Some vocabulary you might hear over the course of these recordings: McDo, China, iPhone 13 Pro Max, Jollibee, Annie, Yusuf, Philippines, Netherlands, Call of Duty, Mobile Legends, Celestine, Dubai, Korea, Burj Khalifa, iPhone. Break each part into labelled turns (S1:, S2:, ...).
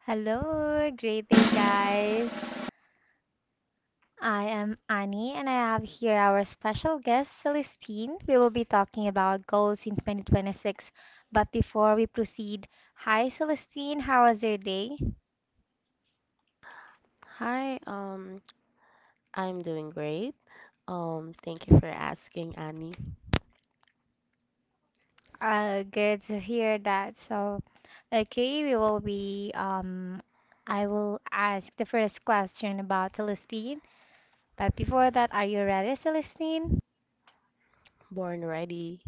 S1: Hello, great day, guys. I am Annie, and I have here our special guest, Celestine. We will be talking about goals in 2026. But before we proceed, hi, Celestine. How was your day?
S2: Hi, I'm doing great. Thank you for asking, Annie.
S1: Good to hear that. So okay, we will be, I will ask the first question about Celestine. But before that, are you ready, Celestine?
S2: Born ready.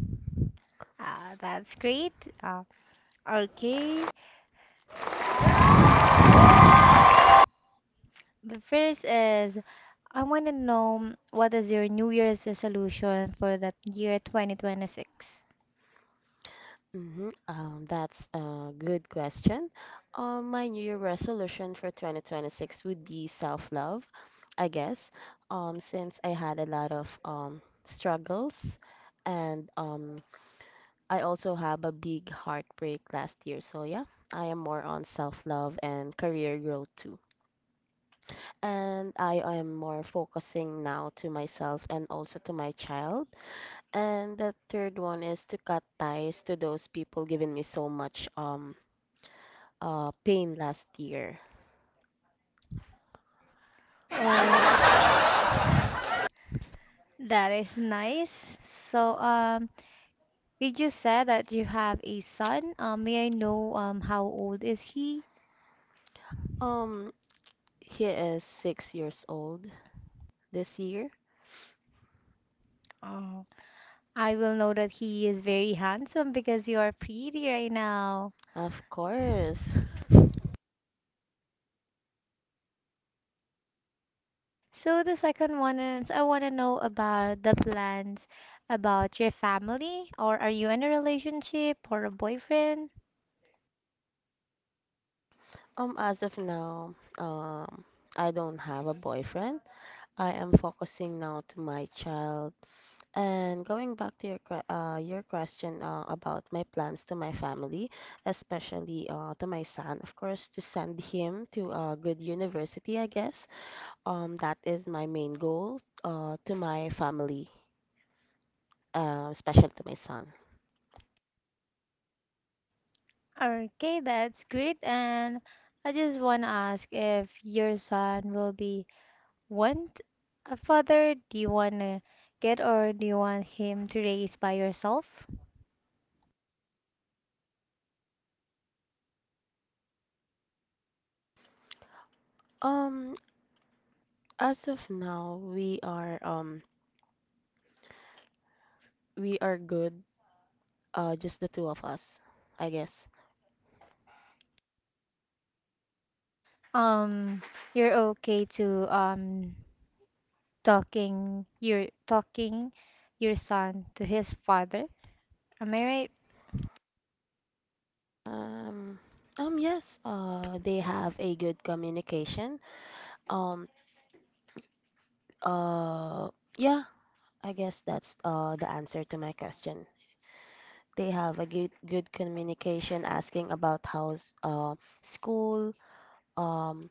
S1: That's great. Uh, okay. The first is I want to know what is your New Year's resolution for that year 2026?
S2: Mm-hmm. That's a good question. My New Year resolution for 2026 would be self-love, I guess. Since I had a lot of struggles, and I also have a big heartbreak last year. So yeah, I am more on self-love and career growth too. And I am more focusing now to myself and also to my child. And the third one is to cut ties to those people giving me so much pain last year.
S1: Oh, that is nice. So, did you say that you have a son? May I know how old is he?
S2: Um, he is 6 years old this year.
S1: Oh, I will know that he is very handsome because you are pretty right now.
S2: Of course.
S1: So the second one is I want to know about the plans about your family, or are you in a relationship or a boyfriend?
S2: As of now, I don't have a boyfriend. I am focusing now to my child. And going back to your question, about my plans to my family, especially to my son, of course, to send him to a good university, I guess. That is my main goal, to my family, especially to my son.
S1: Okay, that's great. And I just want to ask if your son will be want a father? Do you want to get or do you want him to raise by yourself?
S2: Um, as of now, we are good, just the two of us, I guess.
S1: Um, you're okay to talking you're talking your son to his father. Am I right?
S2: Um, yes, they have a good communication. Um, uh. Yeah, I guess that's the answer to my question. They have a good communication, asking about how's school, um,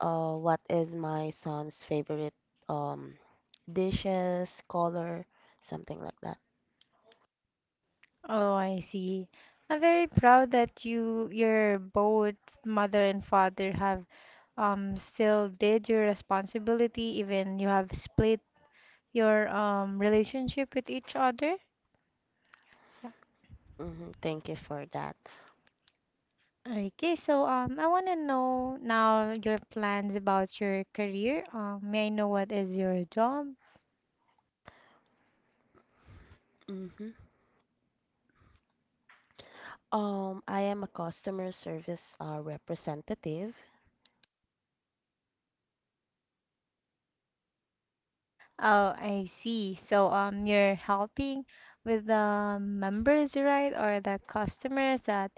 S2: what is my son's favorite, um, dishes, color, something like that.
S1: Oh, I see. I'm very proud that you, your both mother and father have still did your responsibility, even you have split your relationship with each other. So-
S2: Hmm. Thank you for that.
S1: Okay, so I want to know now your plans about your career. May I know what is your job?
S2: Hmm. I am a customer service, representative.
S1: Oh, I see. So, you're helping with the members, right, or the customers that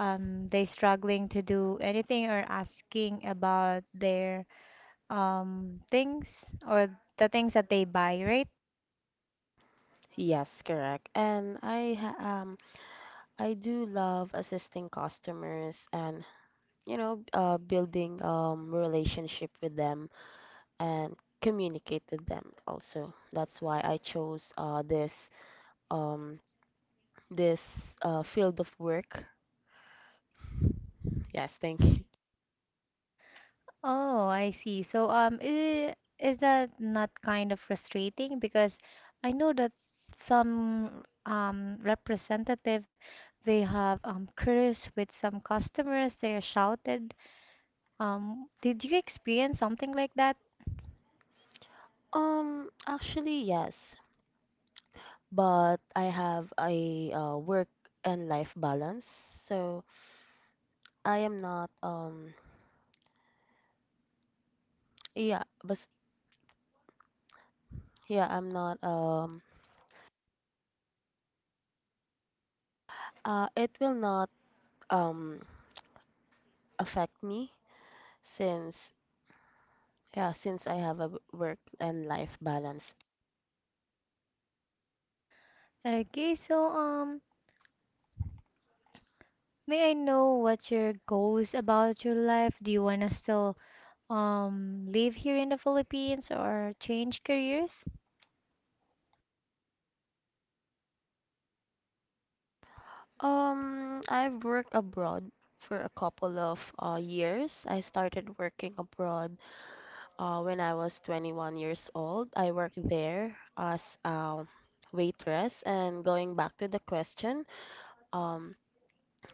S1: they struggling to do anything or asking about their things or the things that they buy, right?
S2: Yes, correct. And I do love assisting customers and, building, relationship with them, and communicate with them also. That's why I chose, um, this field of work. Yes, thank you.
S1: Oh, I see. So, I- is that not kind of frustrating? Because I know that some representative they have cruise with some customers. They are shouted. Did you experience something like that?
S2: Actually, yes, but I have a, work and life balance, so I am not, yeah, but yeah, I'm not, it will not, um affect me since, yeah, since I have a work and life balance.
S1: Okay, so may I know what your goals about your life? Do you wanna still live here in the Philippines or change careers?
S2: I've worked abroad for a couple of, years. I started working abroad, when I was 21 years old. I worked there as a waitress. And going back to the question, um,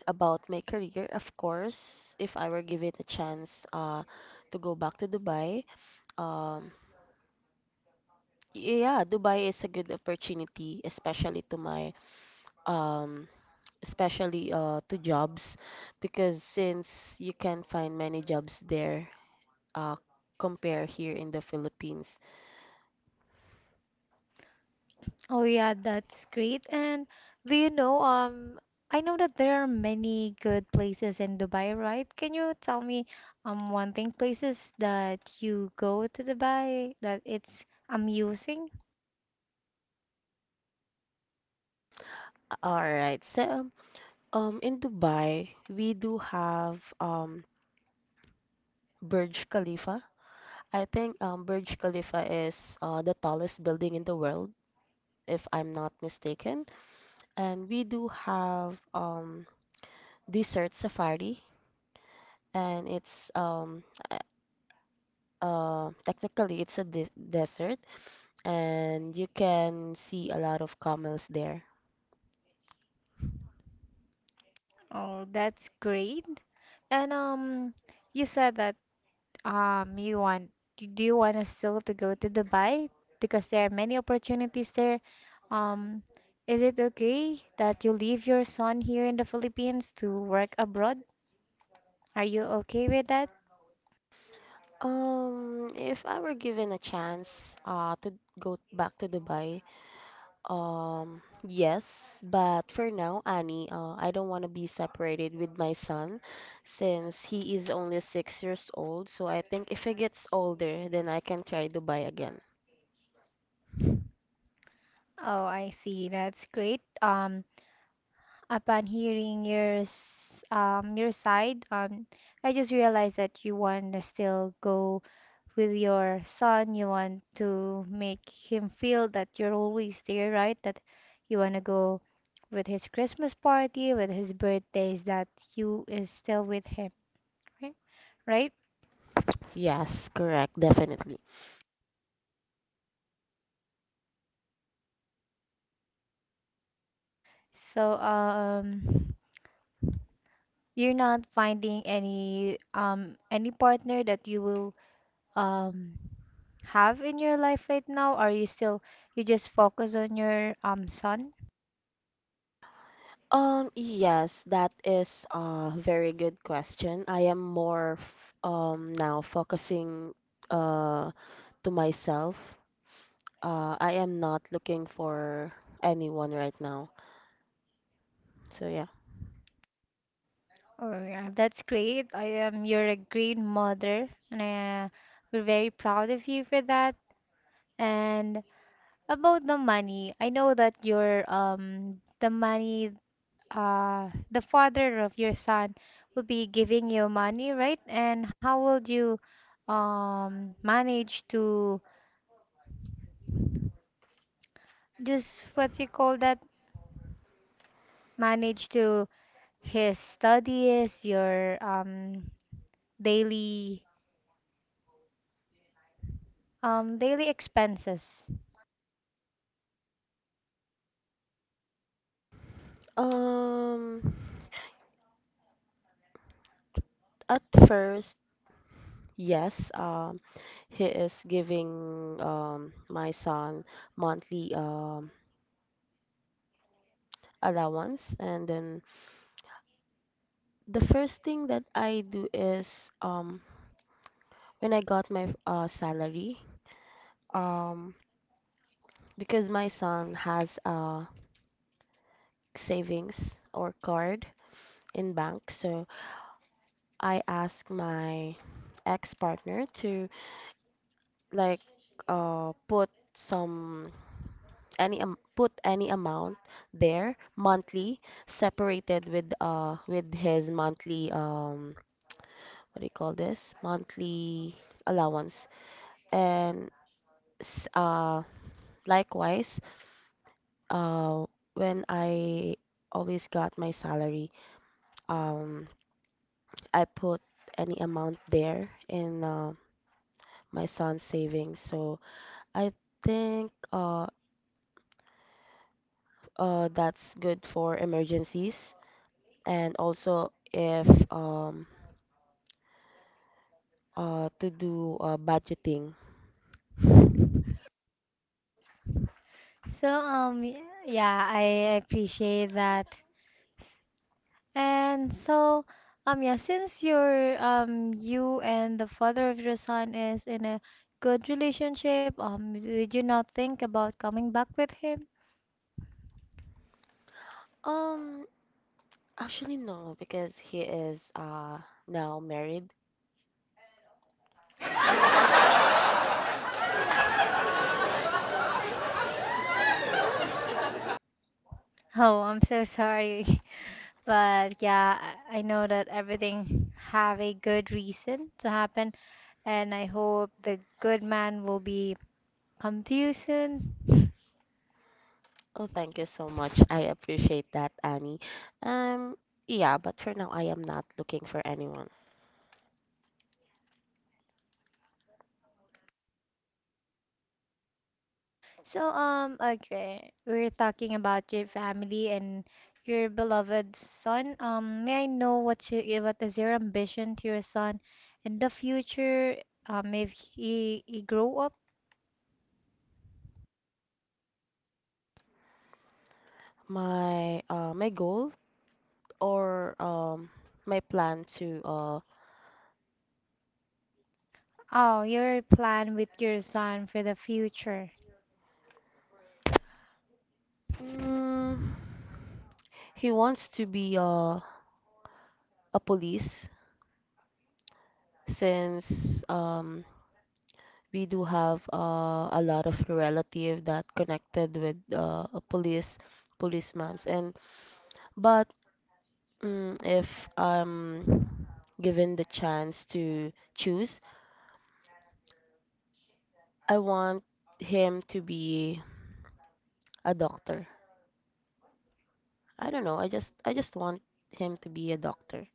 S2: about my career, of course, if I were given a chance, to go back to Dubai. um, yeah, Dubai is a good opportunity, um especially, to jobs, because since you can find many jobs there, uh, compare here in the Philippines.
S1: Oh yeah, that's great. And do you know I know that there are many good places in Dubai, right? Can you tell me one thing places that you go to Dubai that it's amusing?
S2: All right. So, in Dubai, we do have, Burj Khalifa. I think, Burj Khalifa is, the tallest building in the world, if I'm not mistaken. And we do have, desert safari, and it's technically it's a desert, and you can see a lot of camels there.
S1: Oh, that's great. And you said that you want, you- do you want us still to go to Dubai? Because there are many opportunities there. Um, is it okay that you leave your son here in the Philippines to work abroad? Are you okay with that?
S2: If I were given a chance, to go back to Dubai, yes, but for now, Annie, I don't want to be separated with my son, since he is only 6 years old. So I think if he gets older, then I can try Dubai again.
S1: Oh, I see. That's great. Upon hearing your s- your side, I just realized that you want to still go with your son. You want to make him feel that you're always there, right? That you want to go with his Christmas party, with his birthdays, that you is still with him, right? Right?
S2: Yes, correct, definitely.
S1: So, you're not finding any partner that you will um have in your life right now? Are you still you just focus on your son?
S2: Yes, that is a very good question. I am more f now focusing, uh to myself. I am not looking for anyone right now. So yeah.
S1: Oh yeah, that's great. I am you're a great mother, and we're very proud of you for that. And about the money, I know that your the money the father of your son will be giving you money, right? And how will you manage to just what you call that manage to his studies, your daily daily expenses.
S2: Um, at first, yes, he is giving, my son monthly, allowance, and then the first thing that I do is, um when I got my, salary. um because my son has a savings or card in bank, so I asked my ex-partner to, like, uh put some put any amount there monthly, separated with his monthly, what do you call this, monthly allowance. And s- uh likewise, uh when I always got my salary, um, I put any amount there in, my son's savings. So I think, that's good for emergencies, and also if, um, to do, budgeting.
S1: So yeah, I appreciate that. And so yeah, since your you and the father of your son is in a good relationship, did you not think about coming back with him?
S2: Um, Actually, no, because he is, now married.
S1: Oh, I'm so sorry. But yeah, I know that everything have a good reason to happen, and I hope the good man will be come to you soon.
S2: Oh, thank you so much. I appreciate that, Annie. Um, yeah, but for now I am not looking for anyone.
S1: So okay, we're talking about your family and your beloved son. May I know what you what is your ambition to your son in the future? If he grow up,
S2: My goal, or my plan to,
S1: oh, your plan with your son for the future.
S2: mm, he wants to be, a police, since, we do have, a lot of relative that connected with, a policemen, and but if I'm given the chance to choose, I want him to be a doctor. I don't know, I just want him to be a doctor.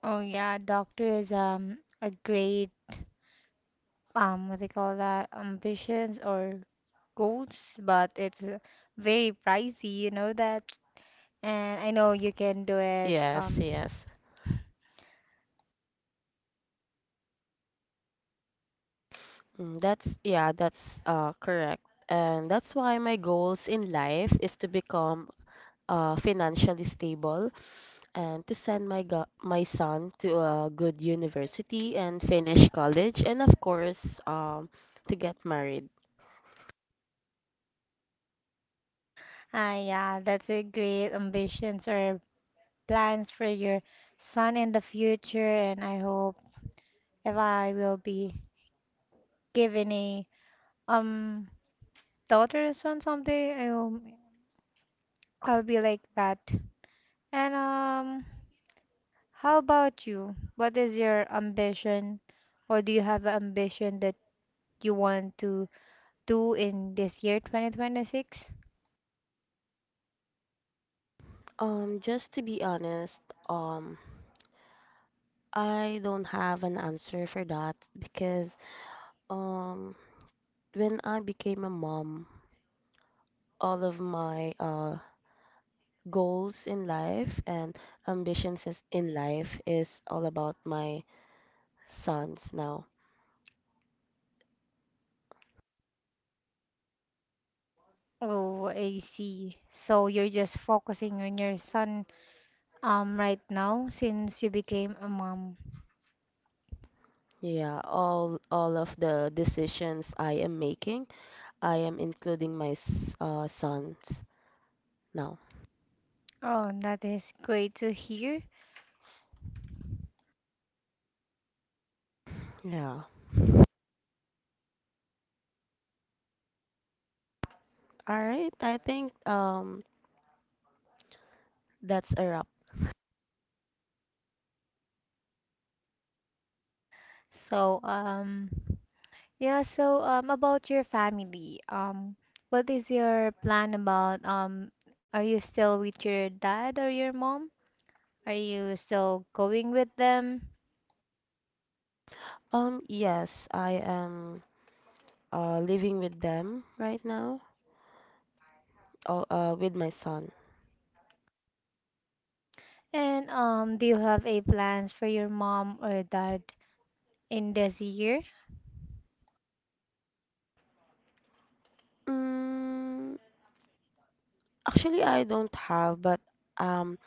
S1: Oh yeah, doctor is a great. Um, what they call that ambitions or goals, but it's very pricey, you know that. And I know you can do it.
S2: Yes, yes. That's correct. And that's why my goals in life is to become, financially stable, and to send my son to a good university and finish college, and of course, to get married.
S1: Ah, yeah, that's a great ambitions or plans for your son in the future. And I hope if I will be given a um daughter or son someday, I'll be like that. And how about you? What is your ambition, or do you have an ambition that you want to do in this year 2026?
S2: Just to be honest, um, I don't have an answer for that, because um, when I became a mom, all of my, goals in life and in life is all about my sons now.
S1: Oh, I see. So you're just focusing on your son right now since you became a mom.
S2: Yeah, all of the decisions I am making, I am including my sons now.
S1: Oh, that is great to hear.
S2: Yeah. All right. I think, that's a wrap.
S1: So yeah, so about your family, what is your plan about are you still with your dad or your mom? Are you still going with them?
S2: Yes, I am, living with them right now. Oh, with my son.
S1: And do you have a plans for your mom or dad in this year.
S2: Mm, Actually I don't have, but, um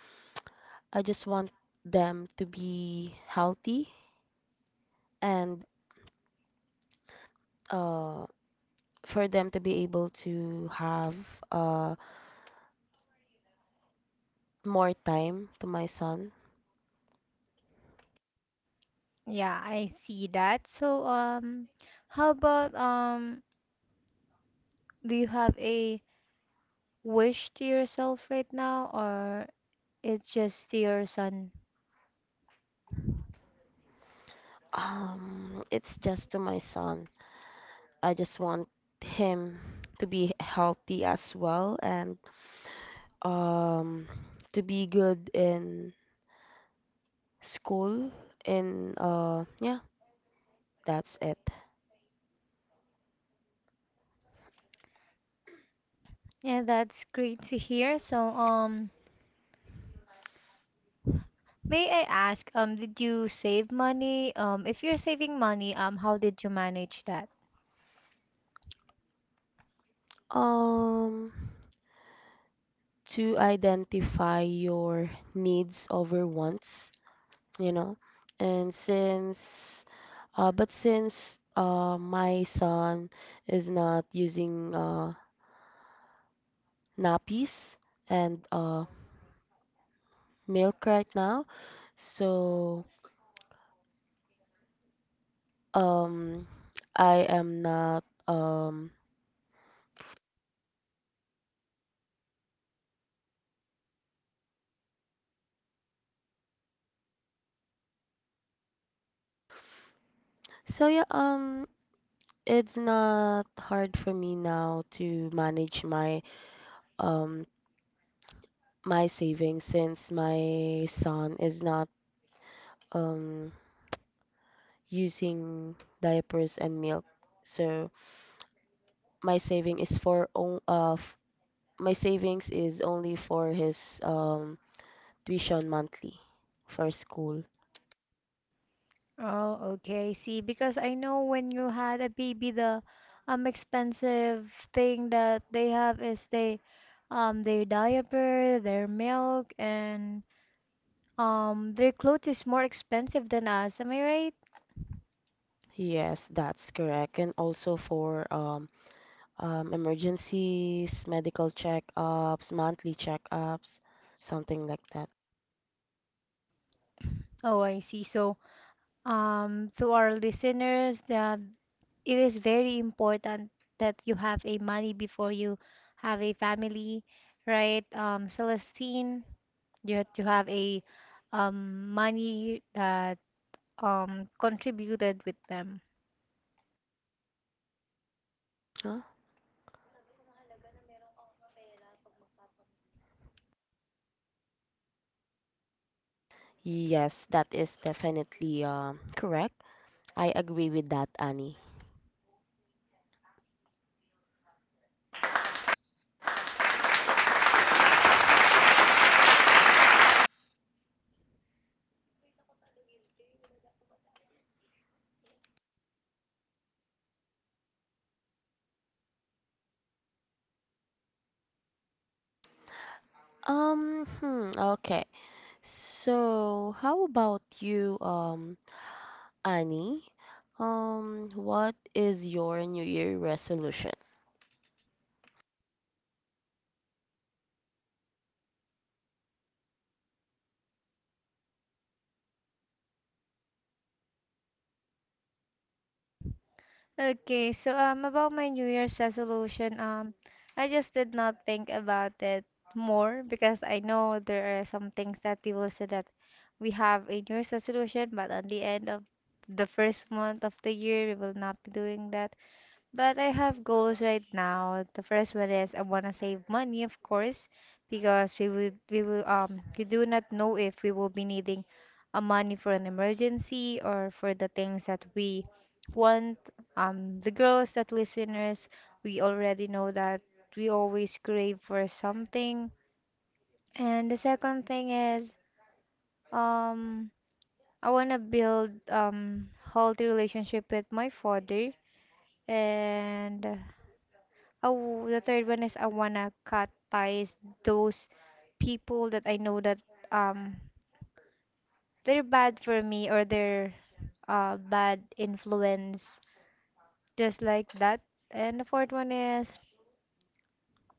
S2: I just want them to be healthy, and, uh, for them to be able to have, uh, more time to my son.
S1: Yeah, I see that. So, how about do you have a wish to yourself right now, or it's just to your son?
S2: It's just to my son. I just want him to be healthy as well, and, um, to be good in school. In Yeah, that's it.
S1: Yeah, that's great to hear. So, may I ask, did you save money? If you're saving money, how did you manage that?
S2: Um, to identify your needs over wants, you know and since my son is not using, nappies and, milk right now, so, um I am not, so yeah, it's not hard for me now to manage um my savings, since my son is not, um using diapers and milk. So my saving is for on, uh f- my savings is only for his, tuition monthly for school.
S1: Oh, okay. See, because I know when you had a baby, the expensive thing that they have is they their diaper, their milk, and their clothes is more expensive than us. Am I right?
S2: Yes, that's correct. And also for, emergencies, medical checkups, monthly checkups, something like that.
S1: Oh, I see. So, to our listeners, that it is very important that you have a money before you have a family, right? Celestine, you have to have a money that contributed with them.
S2: Huh? Yes, that is definitely, correct. I agree with that, Annie. Hmm, okay. So, how about you? Annie, what is your New Year resolution?
S1: Okay, so about my New Year's resolution, I just did not think about it more because I know there are some things that people say that we have a New Year's resolution, but at the end of the first month of the year we will not be doing that. But I have goals right now. The first one is I want to save money, of course, because we will we do not know if we will be needing a money for an emergency or for the things that we want. The girls that listeners, we already know that we always crave for something. And the second thing is um I want to build healthy relationship with my father and oh, the third one is I wanna cut ties those people that I know that um they're bad for me or they're bad influence just like that. And the fourth one is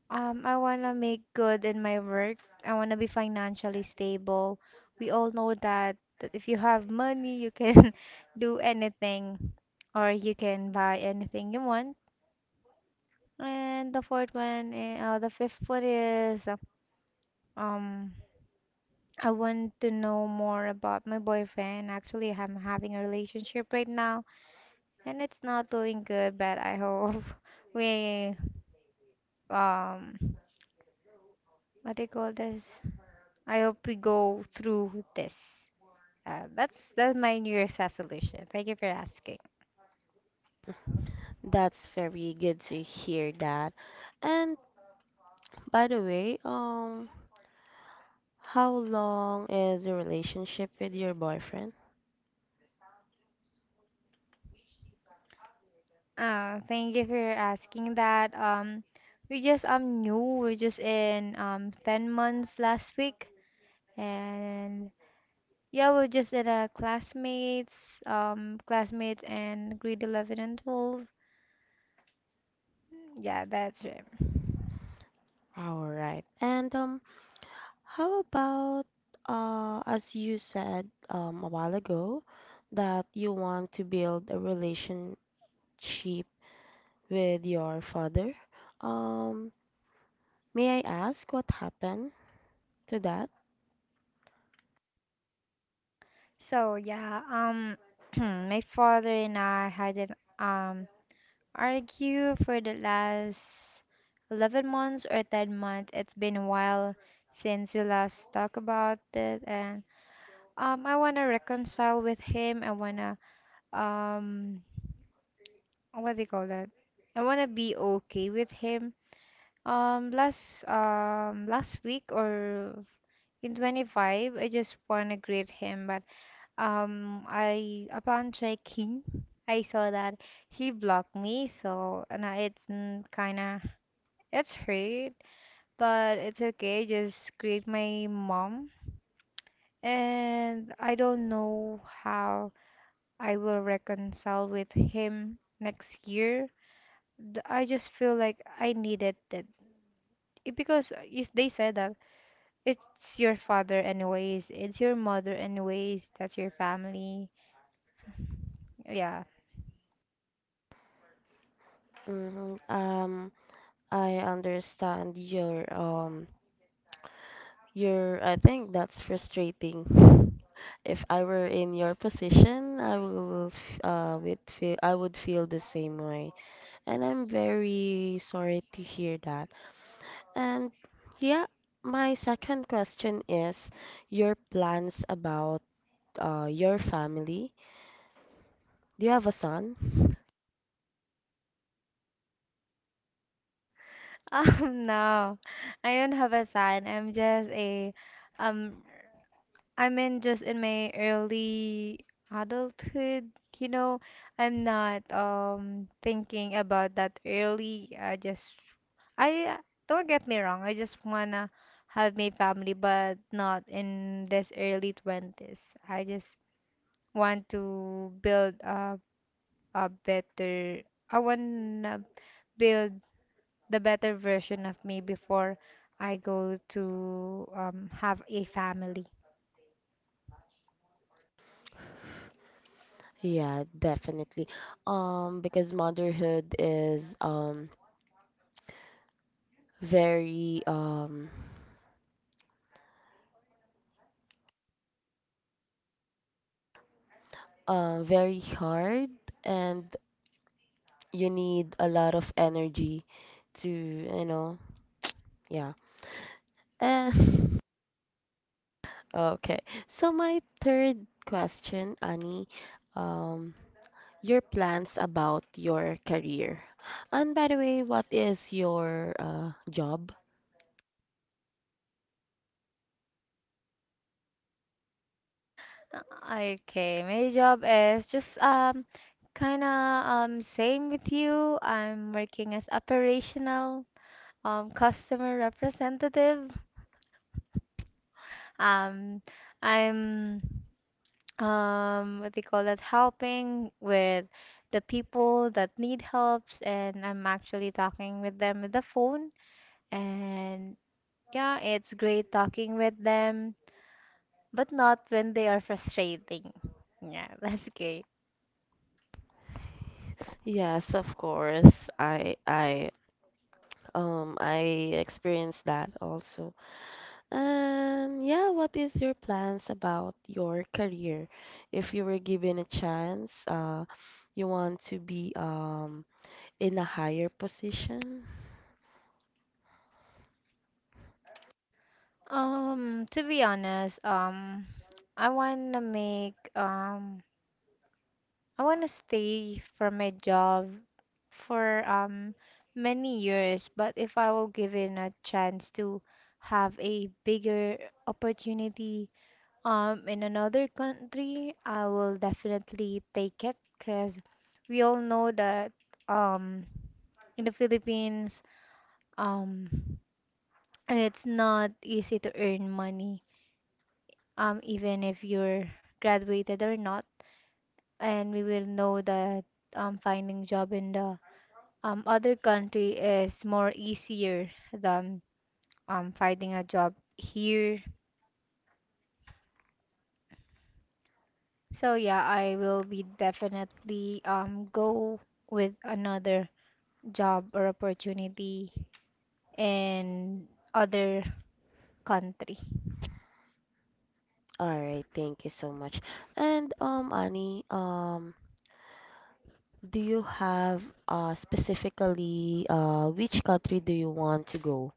S1: I wanna make good in my work. I wanna be financially stable. We all know that that if you have money you can do anything or you can buy anything you want. And the fourth one, the fifth one is um I want to know more about my boyfriend. Actually, I'm having a relationship right now and it's not going good, but I hope we um what do you call this? I hope we go through this. That's my New Year's resolution. Thank you for asking.
S2: That's very good to hear that. And by the way, how long is your relationship with your boyfriend?
S1: Thank you for asking that. We just new. We're just in 10 months last week, and yeah, we're just at our classmates, classmates and grade 11 and 12. Yeah, that's right.
S2: All right. And, how about, as you said, a while ago, that you want to build a relationship with your father? Um, may I ask what happened to that?
S1: So, yeah, my father and I had an argue for the last 11 months or 10 months. It's been a while since we last talked about it, and I wanna reconcile with him. I wanna um, what do you call that? I wanna be okay with him. Last last week or in 25, I just wanna greet him, but I upon checking, I saw that he blocked me, so and I, it's kinda it's hurt, but it's okay. Just greet my mom, and I don't know how I will reconcile with him next year. Th- I just feel like I needed that. It- Because they said that it's your father anyways. It's your mother anyways. That's your family. Yeah.
S2: Hmm. I understand your I think that's frustrating. If I were in your position, I will would feel, I would feel the same way. And I'm very sorry to hear that. And yeah, my second question is your plans about, your family. Do you have a son?
S1: No. I don't have a son. I'm just a um I'm in just in my early adulthood, you know. I'm not thinking about that early. I just I don't get me wrong. I just wanna have my family, but not in this early 20s. I just want to build a better I wanna build the better version of me before I go to have a family.
S2: Yeah, definitely. Because motherhood is, very, very hard, and you need a lot of energy to, yeah, and okay, so my third question, Annie, um your plans about your career, and by the way, what is your, job?
S1: Okay, my job is just kind of same with you. I'm working as operational customer representative. Um I'm what they call that, helping with the people that need helps, and I'm actually talking with them with the phone. And yeah, it's great talking with them, but not when they are frustrating. Yeah, that's great.
S2: Yes, of course. I experienced that also. And yeah, what is your plans about your career? If you were given a chance, you want to be, in a higher position?
S1: To be honest, I wanna make um, I wanna stay for my job for many years, but if I will given a chance to have a bigger opportunity, in another country, I will definitely take it because we all know that, um, in the Philippines, um, it's not easy to earn money, even if you're graduated or not. And we will know that, finding job in the, other country is more easier than, finding a job here. So yeah, I will be definitely go with another job or opportunity in other country.
S2: All right, thank you so much. And, Annie, do you have, specifically, which country do you want to go?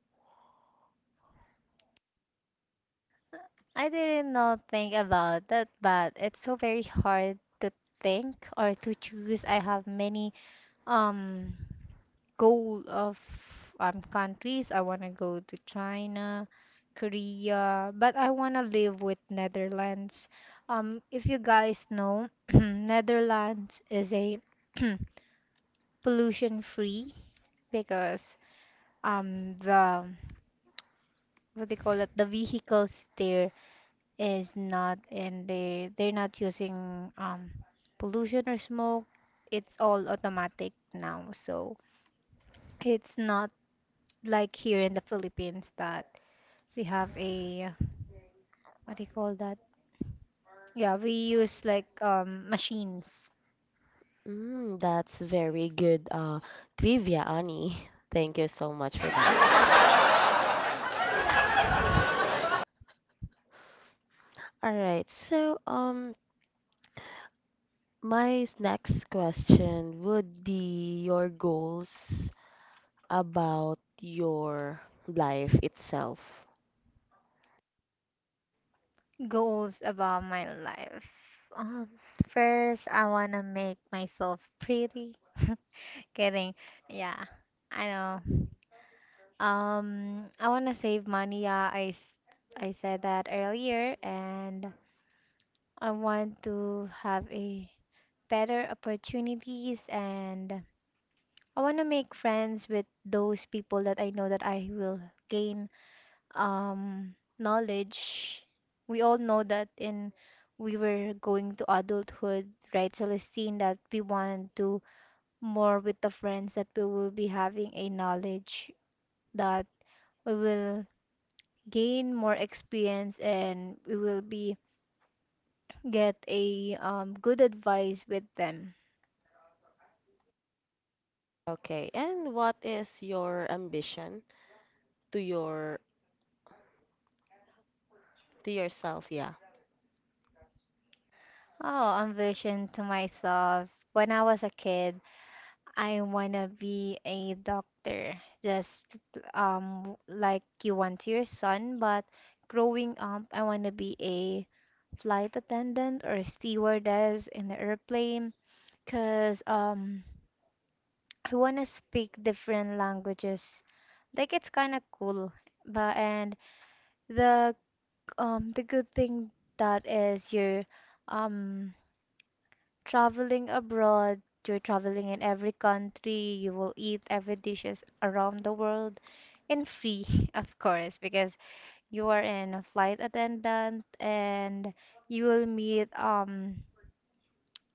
S1: I didn't know think about that, but it's so very hard to think or to choose. I have many um goal of countries. I want to go to China, Korea, but I want to live with Netherlands. If you guys know, Netherlands is a pollution free because the, what they call it, the vehicles there is not, and they're not using pollution or smoke. It's all automatic now, so it's not like here in the Philippines that we have a, what do you call that, yeah, we use like machines.
S2: That's very good, trivia, Annie. Thank you so much for that. All right, so, My next question would be your goals about your life itself.
S1: Goals about my life, um first I wanna make myself pretty kidding. Yeah, I know. I want to save money. Yeah, I said that earlier, and I want to have a better opportunities, and I want to make friends with those people that I know that I will gain knowledge. We all know that in we were going to adulthood, right, Celestine, that we want to more with the friends that we will be having a knowledge that we will gain more experience and we will be get a, good advice with them.
S2: Okay, and what is your ambition, to your to yourself? Yeah.
S1: Oh, ambition to myself. When I was a kid, I wanna be a doctor, just like you want your son. But growing up, I wanna be a flight attendant or stewardess in the airplane, cause I wanna speak different languages. Like it's kinda cool. But and the the good thing that is you're um traveling abroad, you're traveling in every country, you will eat every dishes around the world and free, of course, because you are in a flight attendant and you will meet um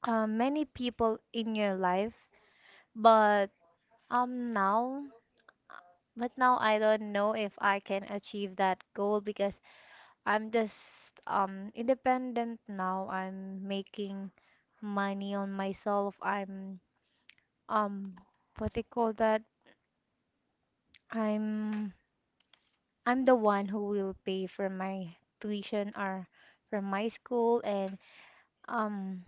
S1: uh, many people in your life, but um now now I don't know if I can achieve that goal because I'm just independent now. I'm making money on myself. I'm um what they call that? I'm I'm the one who will pay for my tuition or from my school and um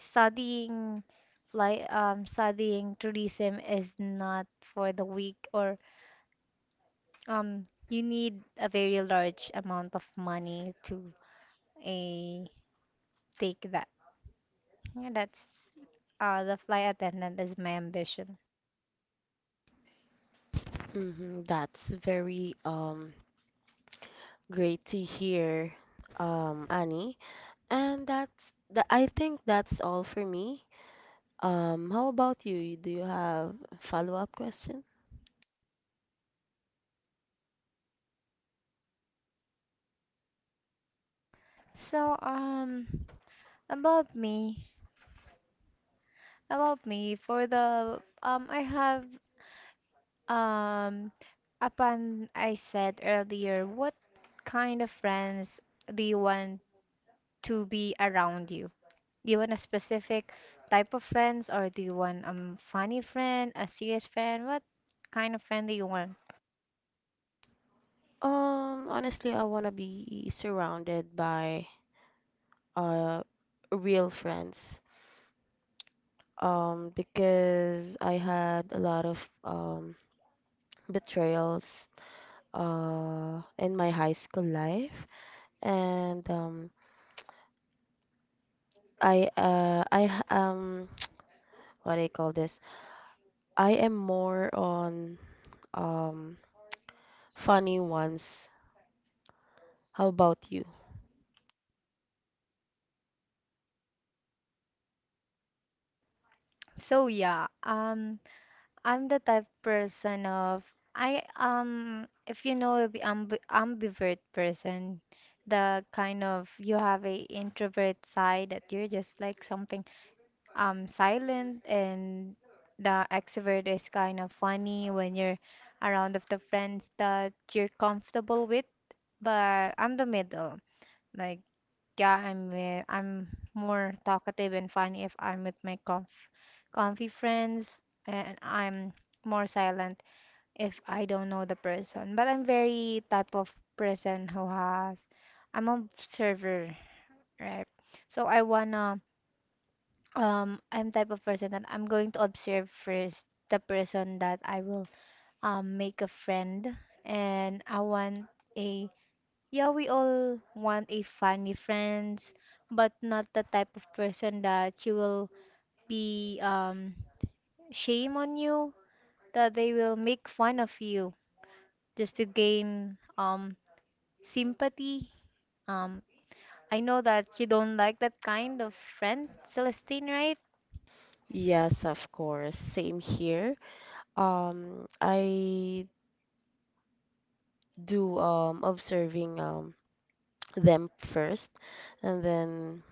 S1: studying studying tourism is not for the weak, or you need a very large amount of money to a take that. Yeah, that's the flight attendant is my ambition.
S2: Hmm. That's very, great to hear, Annie. And that's the I think that's all for me. How about you? Do you have a follow-up question?
S1: So about me, about me for the I have um upon I said earlier, what kind of friends do you want to be around you? Do you want a specific type of friends, or do you want funny friend, a serious friend? What kind of friend do you want?
S2: Honestly, I want to be surrounded by, uh, real friends, because I had a lot of, betrayals, in my high school life, and, I uh, I h- um what do you call this? I am more on, um, funny ones. How about you?
S1: So yeah, I'm the type person of I if you know the ambivert person, the kind of you have a introvert side that you're just like something silent, and the extrovert is kind of funny when you're around of the friends that you're comfortable with, but I'm the middle. Like yeah, I'm more talkative and funny if I'm with my conf comfy friends, and I'm more silent if I don't know the person. But I'm very type of person who has I'm observer, right? So I'm type of person that I'm going to observe first the person that I will make a friend, and I want a, yeah, we all want a funny friends, but not the type of person that you will be shame on you, that they will make fun of you just to gain sympathy. Um, I know that you don't like that kind of friend, Celestine, right?
S2: Yes, of course. Same here. I do, observing, them first, and then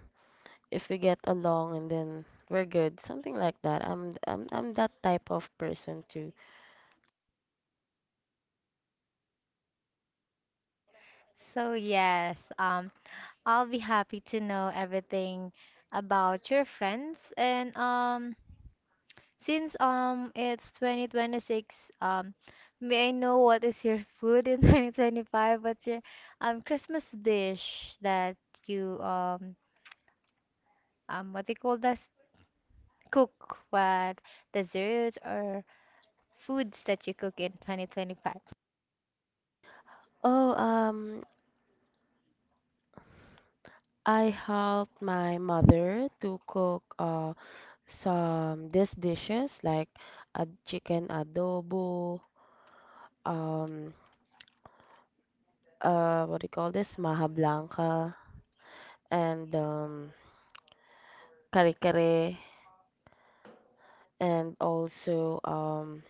S2: if we get along, and then we're good, something like that. I'm that type of person too.
S1: So yes, I'll be happy to know everything about your friends. And since it's 2026, may I know what is your food in 2025? What's your Christmas dish that you what they call that cook? What desserts or foods that you cook in 2025?
S2: Oh, I helped my mother to cook, some these dishes like a chicken adobo, um, what do you call this? Maha Blanca, and, kare kare, and also,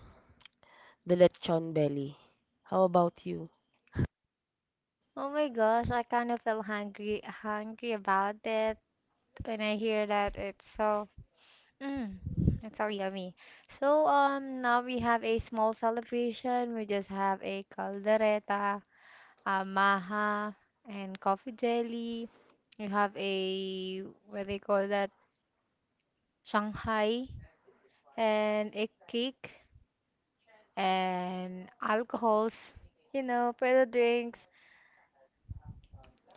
S2: the lechon belly. How about you?
S1: Oh my gosh, I kind of feel hungry about it when I hear that mm, it's so yummy. So now we have a small celebration. We just have a caldereta, maha and coffee jelly. You have a, what they call that, Shanghai, and a cake and alcohols, pretty drinks.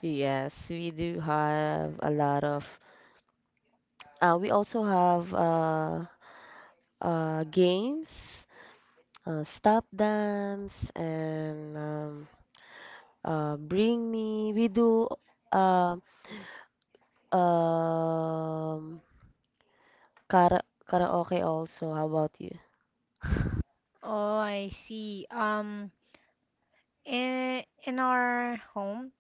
S2: Yes, we do have a lot of. We also have, games, stop dance, and, bring me. We do um um kara karaoke also. How about you?
S1: Oh, I see. In our home,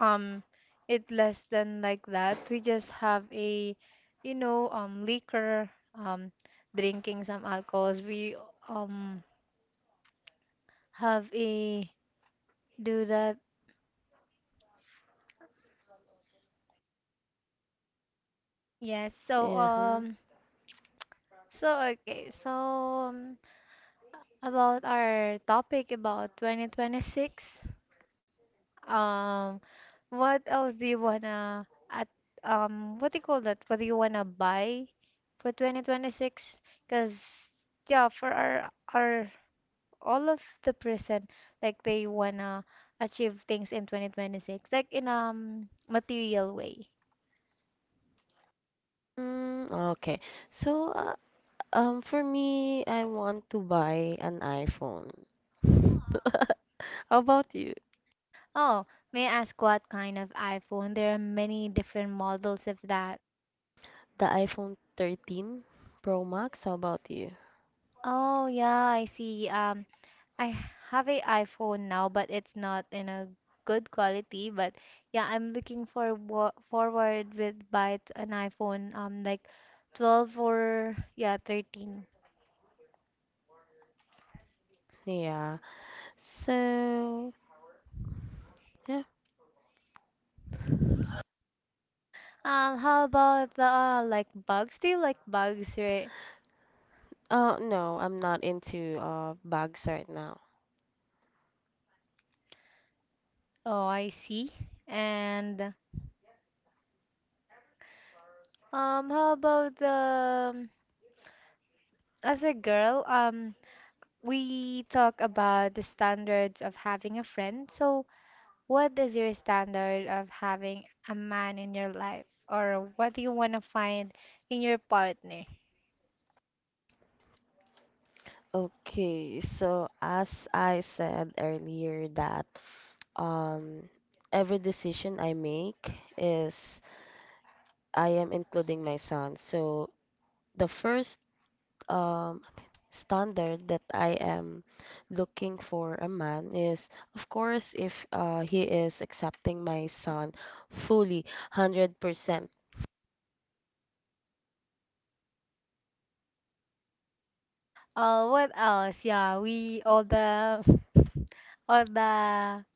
S1: um, it less than like that. We just have a, liquor, um, drinking some alcohols. We um have a do that. Yes, so
S2: Yeah. Hmm.
S1: so okay, so, um, about our topic about 2026, um what else do you wanna at, what do you call that? What do you wanna buy for 2026? 'Cause yeah, for our all of the person, like they wanna achieve things in 2026 like in material way.
S2: Mm, okay. So, for me, I want to buy an iPhone. How about you?
S1: Oh, may I ask what kind of iPhone? There are many different models of that.
S2: The iPhone 13 Pro Max. How about you?
S1: Oh yeah, I see. I have a iPhone now, but it's not in a good quality. But yeah, I'm looking for forward with an iPhone like 12, or yeah, 13.
S2: Yeah. So, yeah.
S1: How about the like bugs? Do you like bugs, right?
S2: No, I'm not into bags right now.
S1: Oh, I see. And, how about the, as a girl, we talk about the standards of having a friend. So, what is your standard of having a man in your life, or what do you want to find in your partner?
S2: Okay, so as I said earlier that um every decision I make is I am including my son. So the first um standard that I am looking for a man is of course if he is accepting my son fully 100%.
S1: What else? Yeah, we all the all the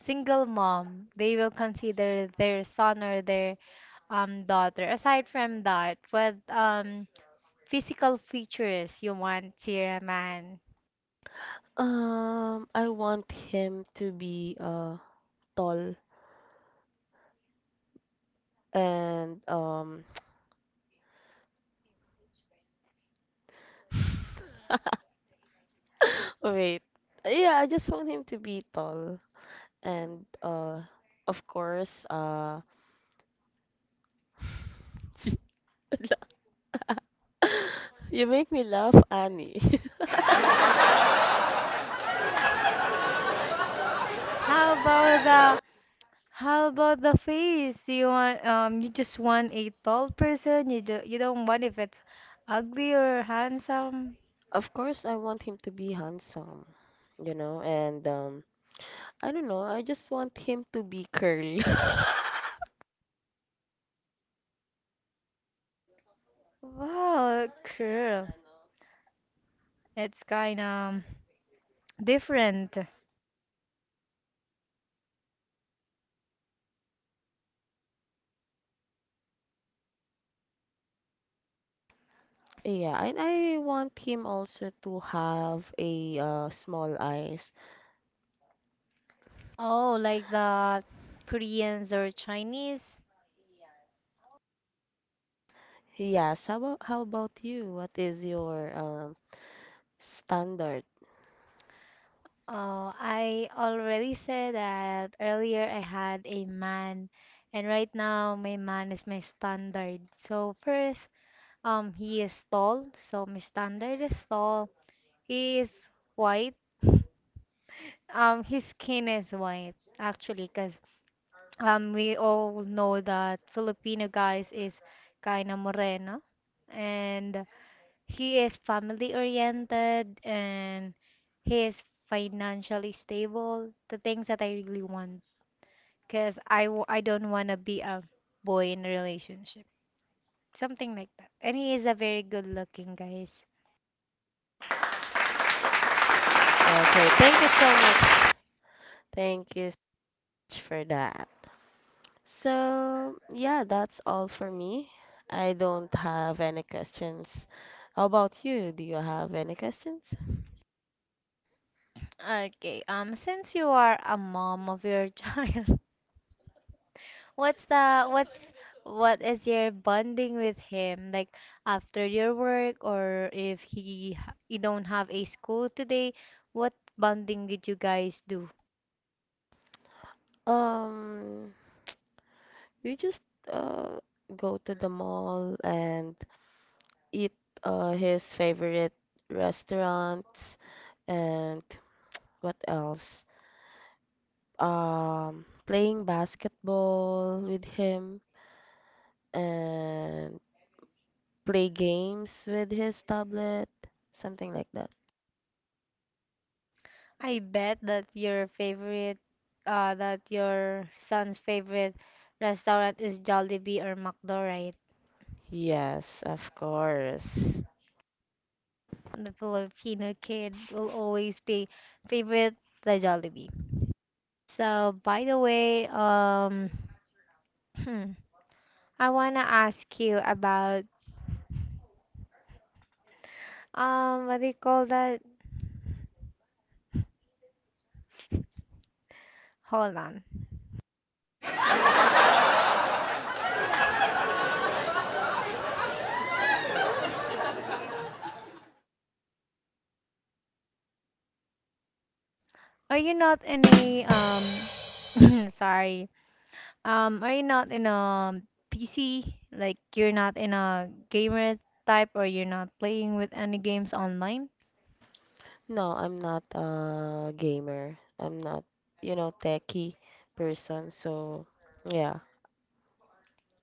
S1: single mom, they will consider their son or their daughter. Aside from that, what physical features you want to a man?
S2: I want him to be tall and wait. Yeah, I just want him to be tall and of course you make me laugh, Annie.
S1: How about the How about the face? You want, you just want a tall person? You don't want if it's ugly or handsome?
S2: Of course I want him to be handsome, and I don't know, I just want him to be curly.
S1: Wow, cool. It's kind of different.
S2: Yeah, and I want him also to have a small eyes.
S1: Oh, like the Koreans or Chinese?
S2: Yes, how about you? What is your standard?
S1: Oh, I already said that earlier, I had a man, and right now my man is my standard. So first, he is tall, so my standard is tall. He is white. His skin is white, actually, because, we all know that Filipino guys is kind of moreno, and he is family oriented and he is financially stable. The things that I really want, because I don't want to be a boy in a relationship, something like that. And he is a very good looking guys.
S2: Okay, thank you so much. Thank you so much for that. So, yeah, that's all for me. I don't have any questions. How about you? Do you have any questions?
S1: Okay, since you are a mom of your child. What's the what's what is your bonding with him like after your work, or if you don't have a school today, what bonding did you guys do?
S2: Um, we just uh go to the mall and eat his favorite restaurants and what else? Playing basketball with him and play games with his tablet, something like that.
S1: I bet that your son's favorite restaurant is Jollibee or McDo, right?
S2: Yes, of course.
S1: The Filipino kid will always be favorite the Jollibee. So by the way, I wanna ask you about. What do you call that? Hold on. Are you not in a sorry. Are you not in a PC? Like you're not in a gamer type, or you're not playing with any games online?
S2: No, I'm not a gamer. I'm not techie person, so yeah.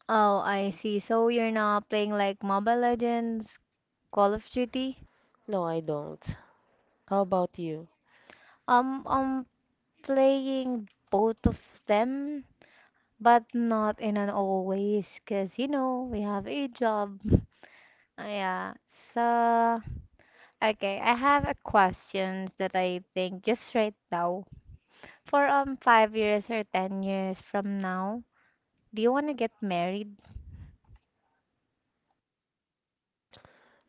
S1: Oh, I see. So you're not playing like Mobile Legends, Call of Duty?
S2: No, I don't. How about you?
S1: I'm playing both of them, but not in an always, 'cause, we have a job. Yeah. So, okay, I have a questions that I think just right now. For 5 years or 10 years from now, do you want to get married?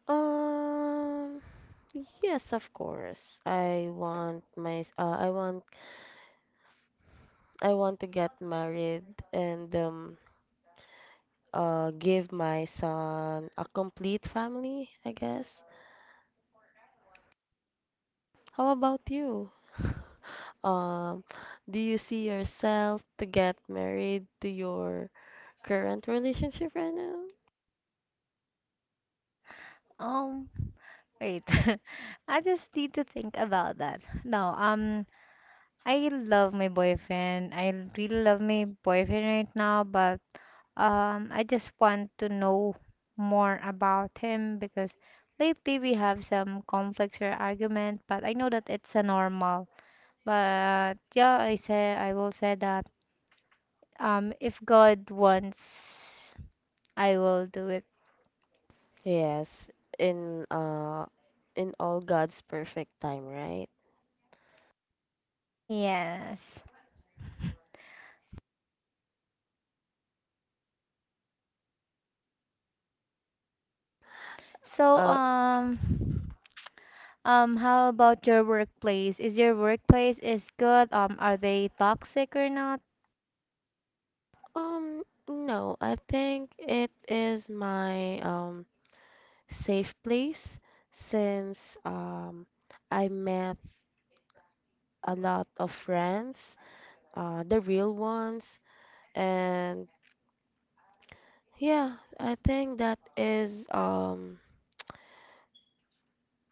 S2: Um, Yes, of course. I want my I want to get married and give my son a complete family, I guess. How about you? Um, do you see yourself to get married to your current relationship right now?
S1: Um, wait, I just need to think about that. No, I love my boyfriend. I really love my boyfriend right now, but, I just want to know more about him because lately we have some conflicts or argument, but I know that it's a normal. But yeah, I will say that, if God wants, I will do it.
S2: Yes, in uh in all God's perfect time, right?
S1: Yes. So
S2: Uh
S1: how about your workplace? Is your workplace is good? Are they toxic or not?
S2: um no, I think it is my safe place since I met a lot of friends, the real ones, and yeah, I think that is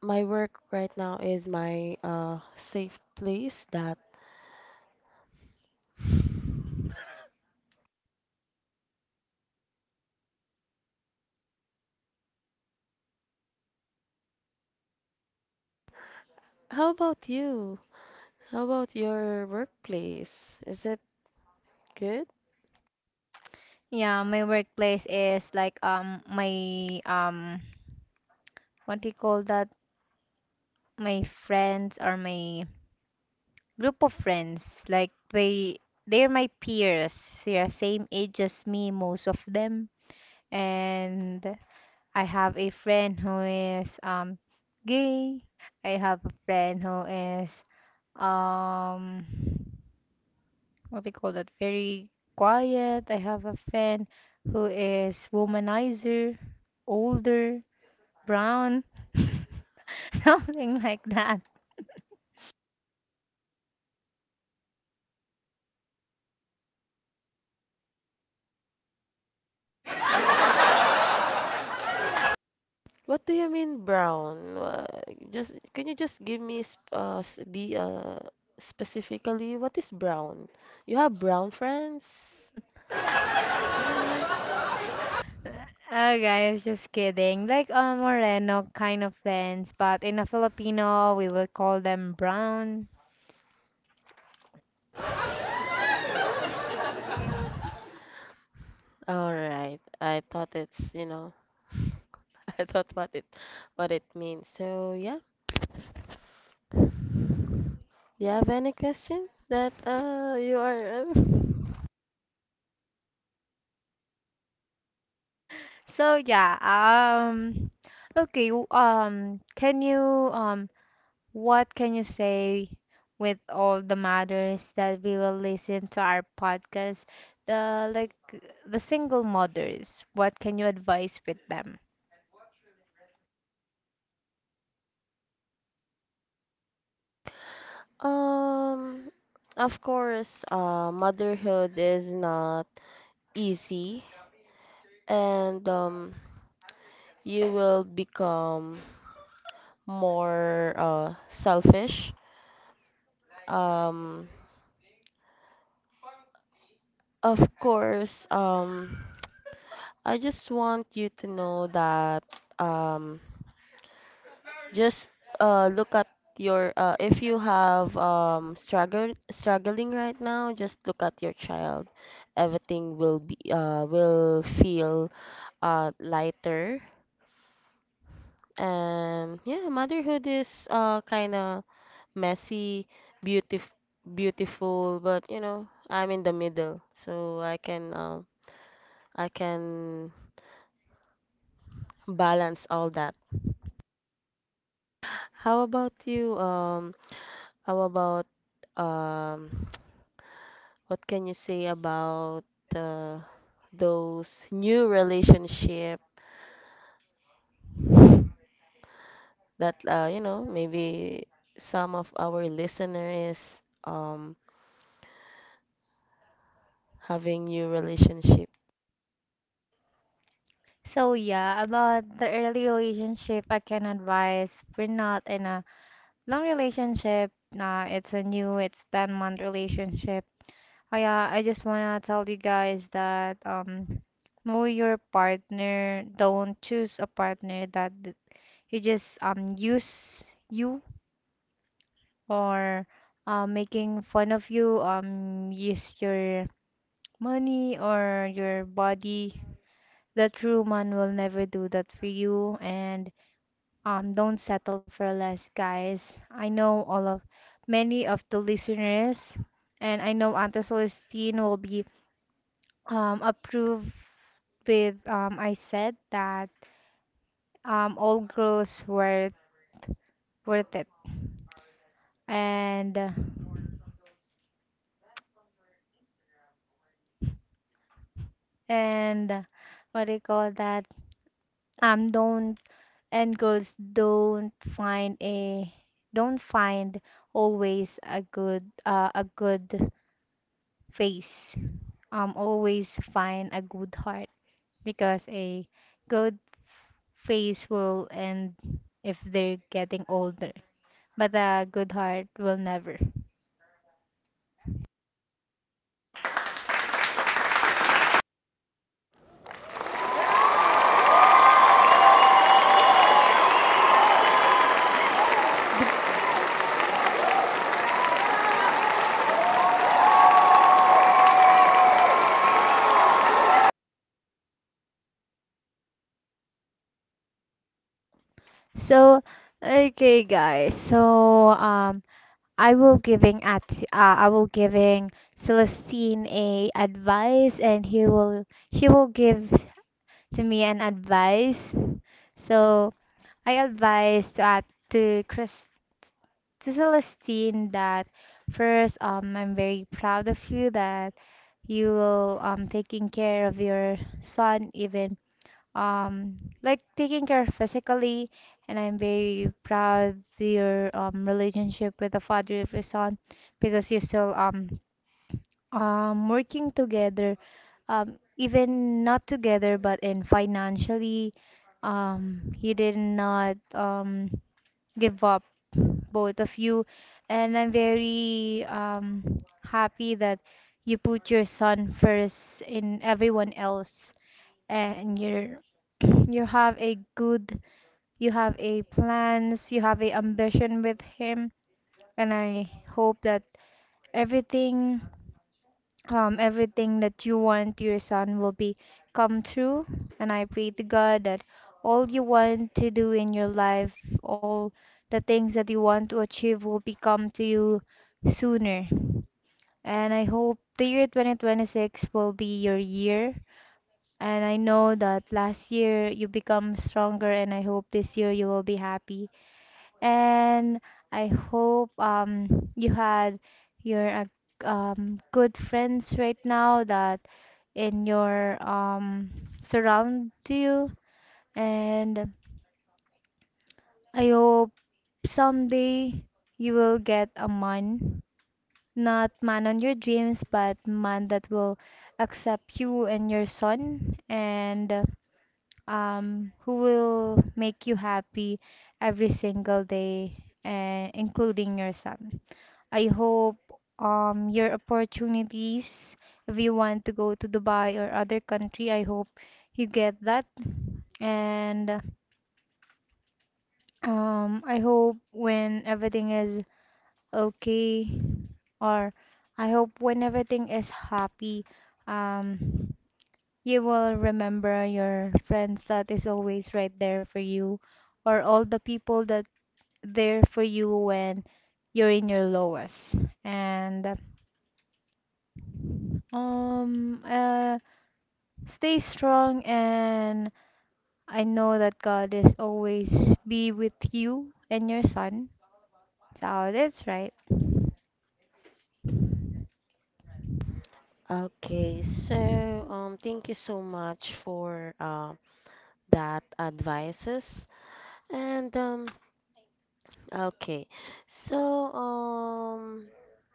S2: my work right now is my safe place. That how about you? How about your workplace? Is it good?
S1: Yeah, my workplace is like my, what do you call that? My friends or my group of friends. Like they're my peers. They are same age as me, most of them. And I have a friend who is gay. I have a friend who is, um what do you call that? Very quiet. I have a friend who is womanizer, older, brown, something like that.
S2: What do you mean brown? Just can you just give me sp s- be specifically what is brown? You have brown friends?
S1: Nah. Oh guys, just kidding. Like a Moreno kind of friends, but in a Filipino we will call them brown.
S2: All right. I thought it's, you know, I thought what it means. So, yeah. Do you have any question that you are
S1: So yeah, um, okay, can you, um, what can you say with all the mothers that we will listen to our podcast? The, the single mothers, what can you advise with them?
S2: Um, of course, motherhood is not easy, and you will become more selfish. Um, of course, I just want you to know that um, just look at your if you have struggle struggling right now, just look at your child. Everything will be will feel lighter. And yeah, motherhood is kind of messy, beautiful, beautiful, but you know, I'm in the middle, so I can balance all that. How about you? How about um what can you say about uh, those new relationship that you know, maybe some of our listeners um having new relationship.
S1: So yeah, about the early relationship, I can advise we're not in a long relationship. Nah, it's a new, it's 10-month month relationship. Oh yeah, I just wanna tell you guys that know your partner. Don't choose a partner that you just use you or making fun of you, use your money or your body. The true man will never do that for you, and don't settle for less, guys. I know all of, many of the listeners, and I know Auntie Celestine will be approve with, I said that, all girls were worth it, and uh, and what do you call that, don't and girls don't find a, don't find, always a good face. Always find a good heart, because a good face will end if they're getting older, but a good heart will never.
S2: The
S1: So, okay, guys. So, I will giving at I will giving Celestine a advice, and he will, she will give to me an advice. So, I advise, to Chris to Celestine, that first, I'm very proud of you that you will taking care of your son, even um like taking care physically. And I'm very proud your relationship with the father of your son, because you still working together, even not together, but in financially you did not give up, both of you. And I'm very happy that you put your son first in everyone else, and you have a good, you have a plans, you have a ambition with him, and I hope that everything, everything that you want your son will be come true. And I pray to God that all you want to do in your life, all the things that you want to achieve will be come to you sooner. And I hope the year 2026 will be your year. And I know that last year you become stronger, and I hope this year you will be happy. And I hope you had your good friends right now that in your surround you. And I hope someday you will get a man, not man on your dreams, but man that will accept you and your son and who will make you happy every single day, and including your son. I hope, your opportunities, if you want to go to Dubai or other country, I hope you get that. And I hope when everything is okay, or I hope when everything is happy, um, you will remember your friends that is always right there for you, or all the people that there for you when you're in your lowest. And um uh stay strong, and I know that God is always be with you and your son, so that's right.
S2: okay, so thank you so much for that advices. And okay, so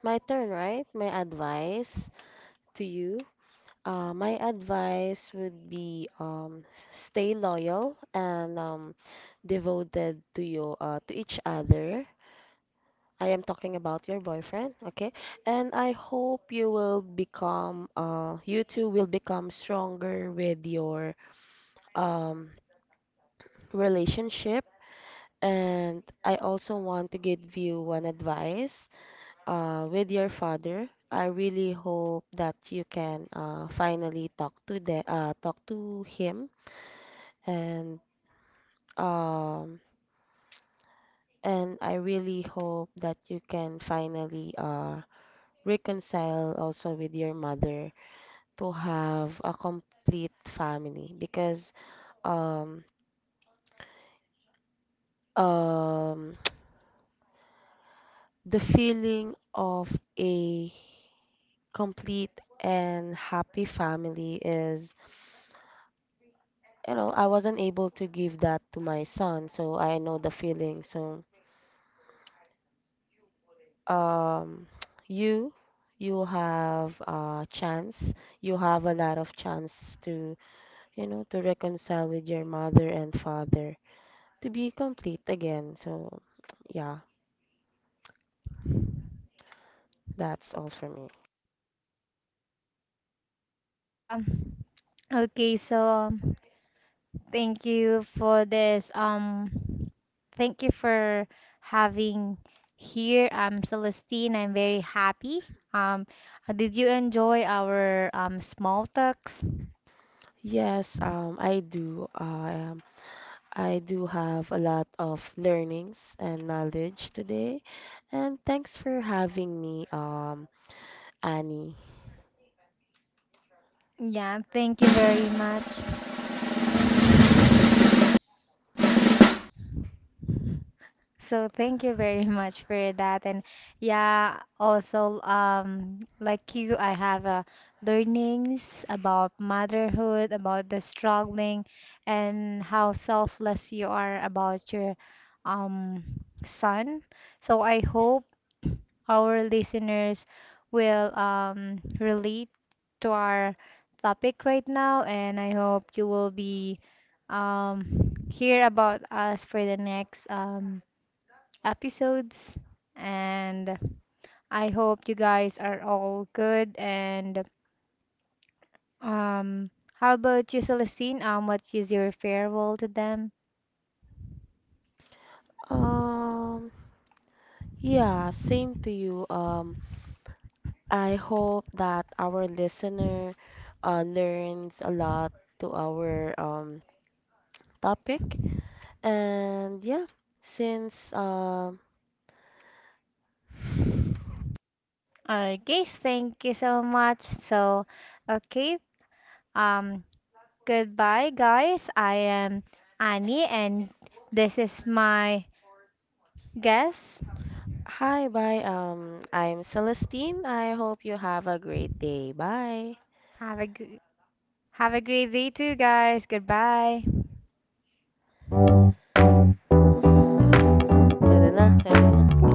S2: my turn, right? My advice to you. My advice would be stay loyal and devoted to your to each other. I am talking about your boyfriend, okay? And I hope you two will become stronger with your um, relationship. And I also want to give you one advice with your father. I really hope that you can finally talk to him and um and I really hope that you can finally reconcile also with your mother to have a complete family because um um the feeling of a complete and happy family is, you know, I wasn't able to give that to my son, so I know the feeling. So, um, you, you have a chance, you have a lot of chance to, you know, to reconcile with your mother and father to be complete again. So, yeah, that's all for me.
S1: um, okay, thank you for this. Thank you for having here. I'm Celestine. I'm very happy. Um, did you enjoy our small talks?
S2: Yes, I do. I do have a lot of learnings and knowledge today. And thanks for having me, Annie.
S1: Yeah, thank you very much. So thank you very much for that. And yeah, also like you, I have learnings about motherhood, about the struggling, and how selfless you are about your um son. So I hope our listeners will relate to our topic right now, and I hope you will be hear about us for the next episodes. And I hope you guys are all good. And how about you, Celestine? What is your farewell to them?
S2: Um, yeah, same to you. I hope that our listener learns a lot to our topic. And yeah, since
S1: Okay, thank you so much. So, okay, um, goodbye, guys. I am Annie, and this is my guest.
S2: hi, bye. I'm Celestine. I hope you have a great day. Bye.
S1: Have a gr- have a great day too, guys. Goodbye.
S2: Pwede na, pwede na.